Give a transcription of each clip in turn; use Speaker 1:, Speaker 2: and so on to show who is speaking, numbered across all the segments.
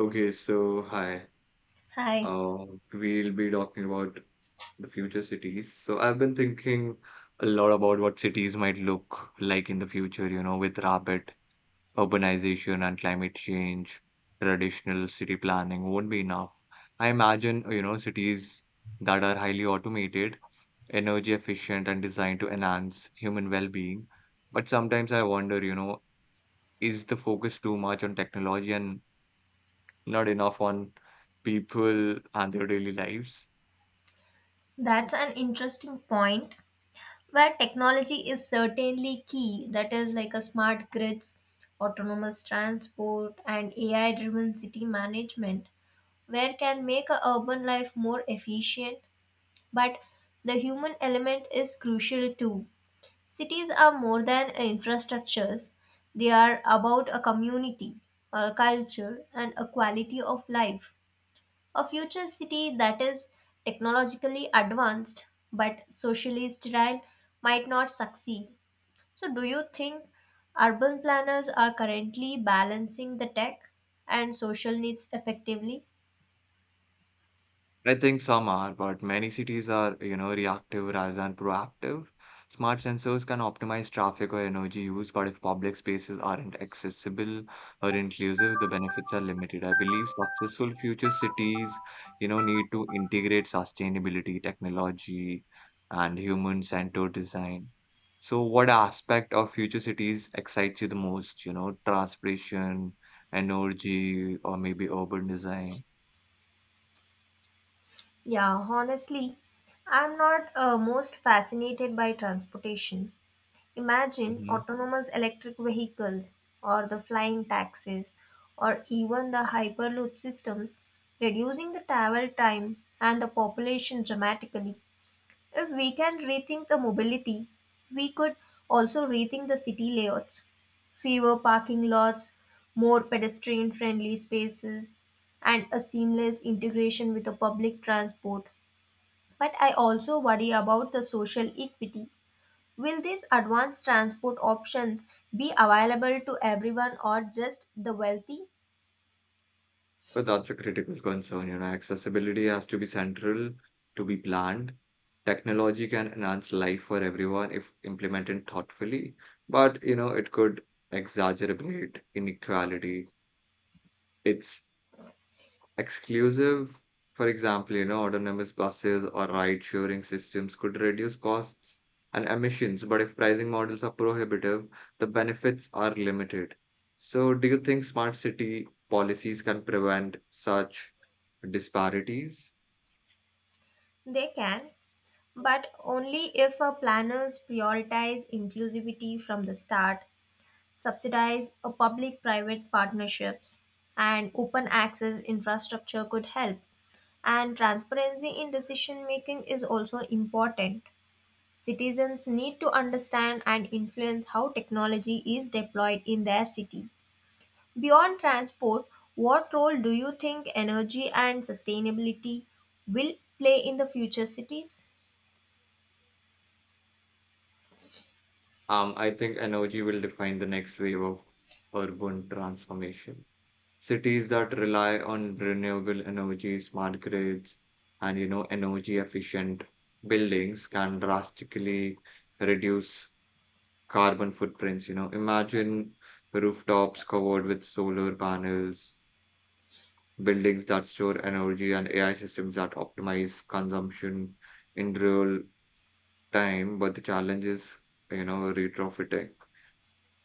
Speaker 1: Okay, so hi.
Speaker 2: Hi,
Speaker 1: We'll be talking about the future cities. So I've been thinking a lot about what cities might look like in the future, you know, with rapid urbanization and climate change, traditional city planning won't be enough. I imagine, you know, cities that are highly automated, energy efficient, and designed to enhance human well-being. But sometimes I wonder, you know, is the focus too much on technology and not enough on people and their daily lives.
Speaker 2: that's an interesting point where technology is certainly key. That is like a smart grids, autonomous transport, and AI driven city management, where can make a urban life more efficient. But the human element is crucial too. Cities are more than infrastructures, they are about a community, a culture, and a quality of life. A future city that is technologically advanced but socially sterile might not succeed. So, do you think urban planners are currently balancing the tech and social needs effectively?
Speaker 1: I think some are, but many cities are, you know, reactive rather than proactive. Smart sensors can optimize traffic or energy use, but if public spaces aren't accessible or inclusive, the benefits are limited. I believe successful future cities, you know, need to integrate sustainability, technology, and human-centered design. So, what aspect of future cities excites you the most? You know, transportation, energy, or maybe urban design?
Speaker 2: Yeah, honestly, I'm not most fascinated by transportation. Imagine autonomous electric vehicles or the flying taxis or even the hyperloop systems reducing the travel time and the population dramatically. If we can rethink the mobility, we could also rethink the city layouts. Fewer parking lots, more pedestrian friendly spaces, and a seamless integration with the public transport. But I also worry about the social equity. Will these advanced transport options be available to everyone or just the wealthy?
Speaker 1: But that's a critical concern. You know, accessibility has to be central to be planned. Technology can enhance life for everyone if implemented thoughtfully, but you know, it could exacerbate inequality. It's exclusive, for example, you know, autonomous buses or ride-sharing systems could reduce costs and emissions, but if pricing models are prohibitive, the benefits are limited. So, do you think smart city policies can prevent such disparities?
Speaker 2: They can, but only if our planners prioritize inclusivity from the start, subsidize a public private partnerships, and open access infrastructure could help. And transparency in decision making is also important. Citizens need to understand and influence how technology is deployed in their city. Beyond transport, what role do you think energy and sustainability will play in the future cities?
Speaker 1: I think energy will define the next wave of urban transformation. Cities that rely on renewable energy, smart grids, and you know, energy efficient buildings can drastically reduce carbon footprints. You know, imagine rooftops covered with solar panels, buildings that store energy, and AI systems that optimize consumption in real time. But the challenge is, you know, retrofitting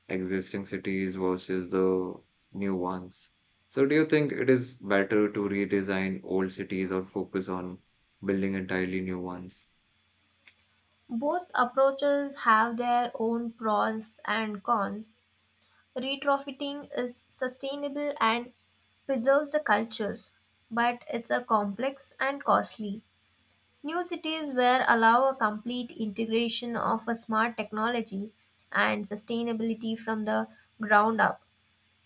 Speaker 1: existing cities versus the new ones. So, do you think it is better to redesign old cities or focus on building entirely new ones?
Speaker 2: Both approaches have their own pros and cons. Retrofitting is sustainable and preserves the cultures, but it's a complex and costly. New cities where allow a complete integration of a smart technology and sustainability from the ground up,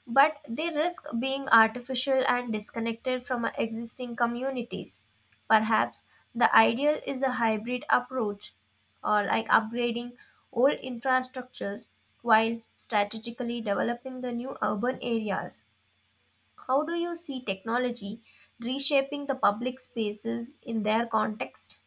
Speaker 2: but they risk being artificial and disconnected from existing communities. Perhaps the ideal is a hybrid approach or like upgrading old infrastructures while strategically developing the new urban areas. How do you see technology reshaping the public spaces in their context?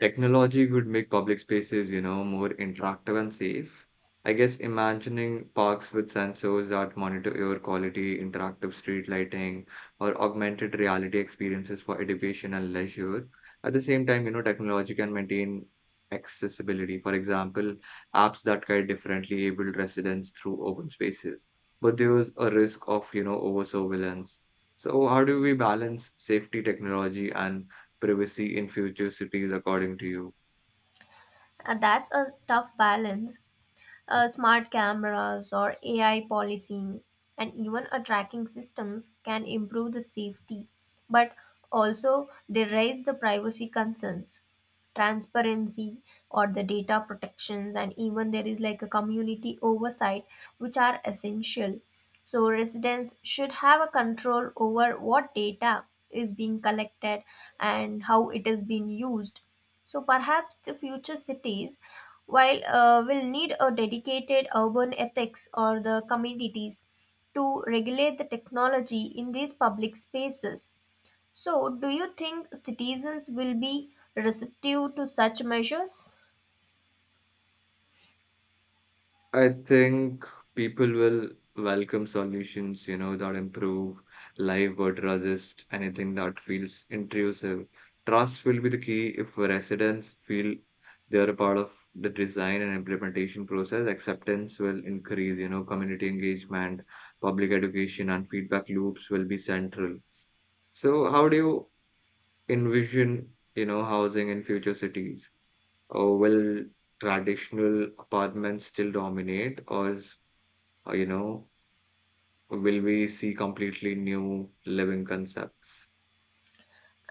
Speaker 1: Technology would make public spaces, you know, more interactive and safe. I guess imagining parks with sensors that monitor air quality, interactive street lighting, or augmented reality experiences for education and leisure. At the same time, you know, technology can maintain accessibility. For example, apps that guide differently abled residents through open spaces. But there's a risk of, you know, over surveillance. So, how do we balance safety, technology, and privacy in future cities, according to you?
Speaker 2: That's a tough balance. Smart cameras or AI policing and even a tracking systems can improve the safety, but also they raise the privacy concerns, transparency or the data protections, and even there is like a community oversight which are essential. So residents should have a control over what data is being collected and how it is being used. So perhaps the future cities, while we'll need a dedicated urban ethics or the communities to regulate the technology in these public spaces. So, do you think citizens will be receptive to such measures?
Speaker 1: I think people will welcome solutions, you know, that improve life but resist anything that feels intrusive. Trust will be the key if residents feel they're a part of the design and implementation process. Acceptance will increase, you know, community engagement, public education, and feedback loops will be central. So, how do you envision, you know, housing in future cities? Will traditional apartments still dominate, or you know, will we see completely new living concepts?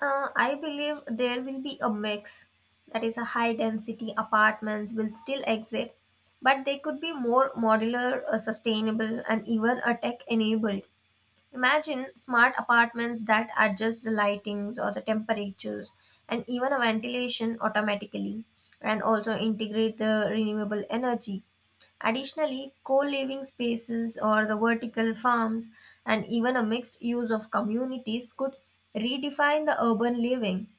Speaker 2: I believe there will be a mix. That is, a high density apartments will still exist, but they could be more modular, sustainable, and even a tech enabled. Imagine smart apartments that adjust the lightings or the temperatures and even a ventilation automatically, and also integrate the renewable energy. Additionally, co-living spaces or the vertical farms and even a mixed use of communities could redefine the urban living,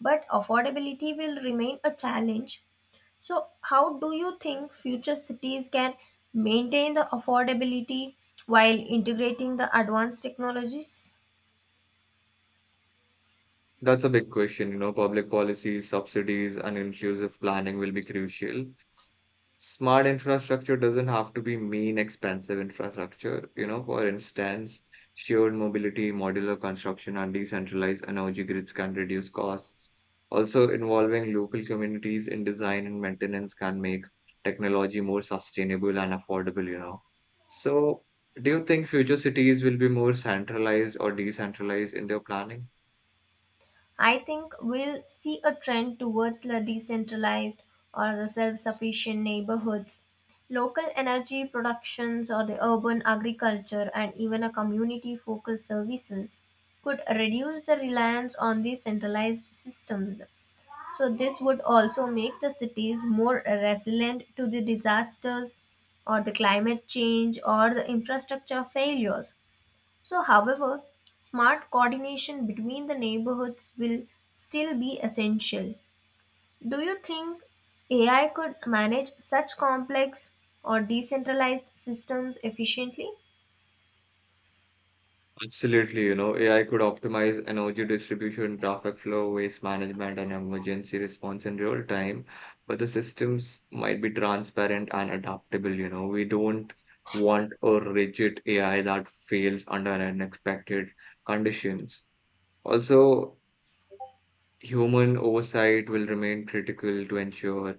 Speaker 2: but affordability will remain a challenge. So, how do you think future cities can maintain the affordability while integrating the advanced technologies?
Speaker 1: That's a big question. You know, public policies, subsidies, and inclusive planning will be crucial. Smart infrastructure doesn't have to be mean expensive infrastructure. You know, for instance, shared mobility, modular construction, and decentralized energy grids can reduce costs. Also, involving local communities in design and maintenance can make technology more sustainable and affordable, you know. So, do you think future cities will be more centralized or decentralized in their planning?
Speaker 2: I think we'll see a trend towards the decentralized or the self sufficient neighborhoods. Local energy productions, or the urban agriculture, and even a community focused services could reduce the reliance on the centralized systems. So, this would also make the cities more resilient to the disasters or the climate change or the infrastructure failures. So, however, smart coordination between the neighborhoods will still be essential. Do you think AI could manage such complex or decentralized systems efficiently?
Speaker 1: Absolutely, you know, AI could optimize energy distribution, traffic flow, waste management, and emergency response in real time, but the systems might be transparent and adaptable, you know. We don't want a rigid AI that fails under unexpected conditions. Also, human oversight will remain critical to ensure,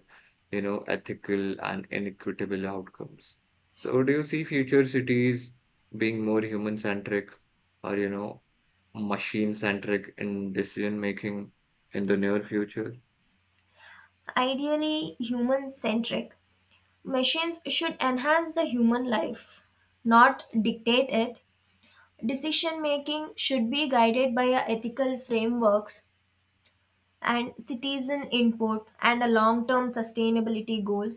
Speaker 1: you know, ethical and inequitable outcomes. So, do you see future cities being more human-centric or, you know, machine-centric in decision making in the near future?
Speaker 2: Ideally, human centric. Machines should enhance the human life, not dictate it. Decision making should be guided by a ethical frameworks and citizen input and a long-term sustainability goals.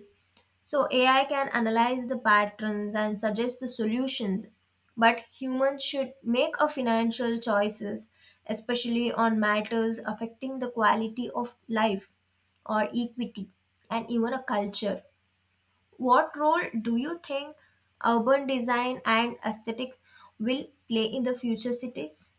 Speaker 2: So AI can analyze the patterns and suggest the solutions, but humans should make a financial choices, especially on matters affecting the quality of life or equity and even a culture. What role do you think urban design and aesthetics will play in the future cities?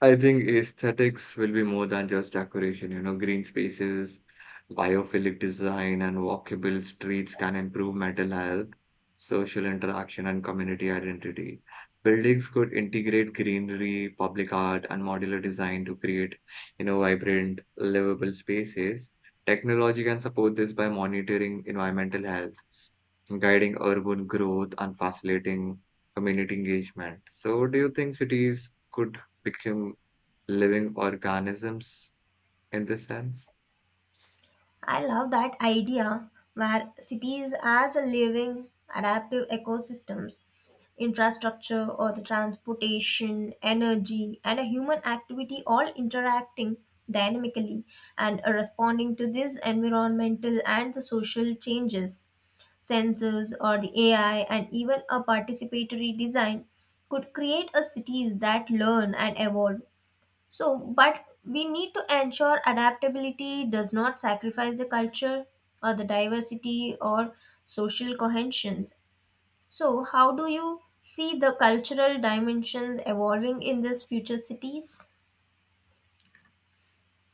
Speaker 1: I think aesthetics will be more than just decoration. You know, green spaces, biophilic design, and walkable streets can improve mental health, social interaction, and community identity. Buildings could integrate greenery, public art, and modular design to create, you know, vibrant, livable spaces. Technology can support this by monitoring environmental health, guiding urban growth, and facilitating community engagement. So, do you think cities could become living organisms in this sense?
Speaker 2: I love that idea where cities as a living, adaptive ecosystems, infrastructure or the transportation, energy, and a human activity all interacting dynamically and are responding to these environmental and the social changes. Sensors or the AI and even a participatory design could create a cities that learn and evolve. So, but we need to ensure adaptability does not sacrifice the culture or the diversity or social cohesions. So, how do you see the cultural dimensions evolving in these future cities?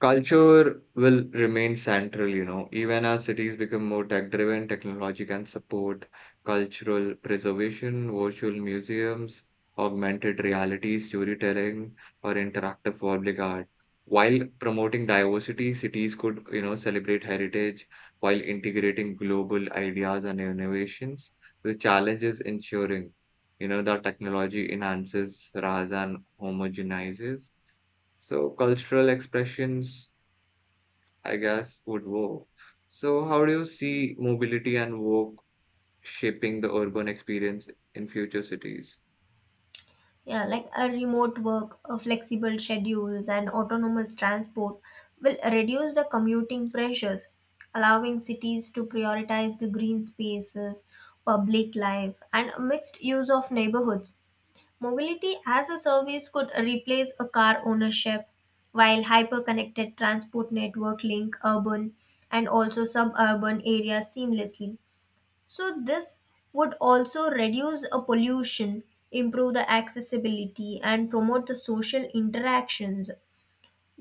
Speaker 1: Culture will remain central, you know, even as cities become more tech driven, technology can support cultural preservation, virtual museums, augmented reality, storytelling, or interactive public art. While promoting diversity, cities could, you know, celebrate heritage while integrating global ideas and innovations. The challenge is ensuring, you know, that technology enhances rather than homogenizes. So cultural expressions I guess, would work. So how do you see mobility and work shaping the urban experience in future cities?
Speaker 2: Yeah, like a remote work, a flexible schedules, and autonomous transport will reduce the commuting pressures, allowing cities to prioritize the green spaces, public life, and mixed use of neighborhoods. Mobility as a service could replace a car ownership, while hyperconnected transport network link urban and also suburban areas seamlessly. So this would also reduce a pollution, improve the accessibility and promote the social interactions.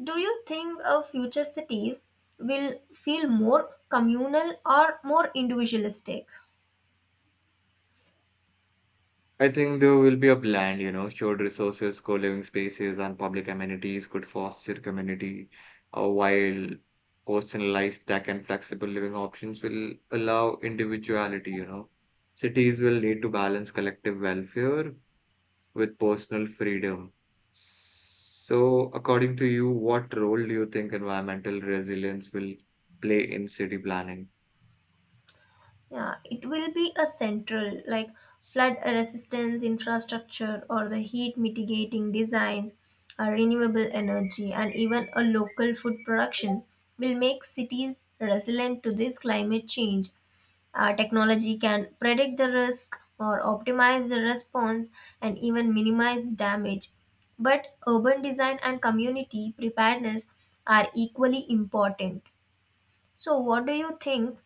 Speaker 2: Do you think of future cities will feel more communal or more individualistic?
Speaker 1: I think there will be a blend, you know, shared resources, co-living spaces, and public amenities could foster community, while personalized tech and flexible living options will allow individuality, you know. Cities will need to balance collective welfare with personal freedom. So, according to you, what role do you think environmental resilience will play in city planning?
Speaker 2: Yeah, it will be a central like flood resistance infrastructure or the heat mitigating designs, renewable energy, and even a local food production will make cities resilient to this climate change. Technology can predict the risk or optimize the response and even minimize damage. But urban design and community preparedness are equally important. So, what do you think?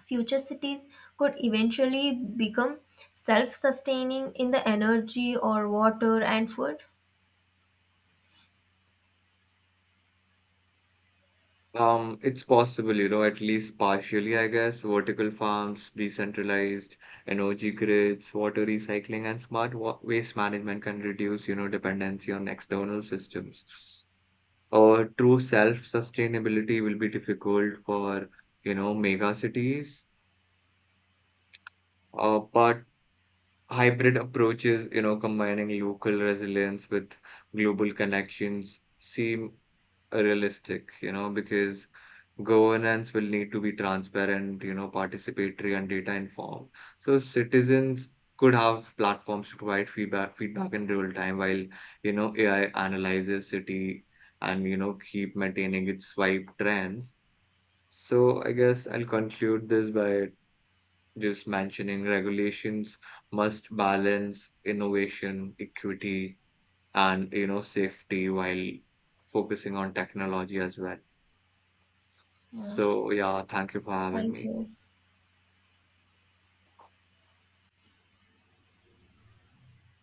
Speaker 2: Future cities could eventually become self sustaining in the energy or water and food.
Speaker 1: It's possible, you know, at least partially, I guess. Vertical farms, decentralized energy grids, water recycling, and smart wa waste management can reduce, you know, dependency on external systems. True self-sustainability will be difficult for, you know, mega cities. But hybrid approaches, you know, combining local resilience with global connections seem realistic, you know, because governance will need to be transparent, you know, participatory and data informed. So citizens could have platforms to provide feedback in real time while, you know, AI analyzes city and, you know, keep maintaining its swipe trends. So I guess I'll conclude this by just mentioning regulations must balance innovation, equity, and you know safety while focusing on technology as well.
Speaker 2: Yeah,
Speaker 1: So yeah, thank you for having
Speaker 2: thank
Speaker 1: me.
Speaker 2: you.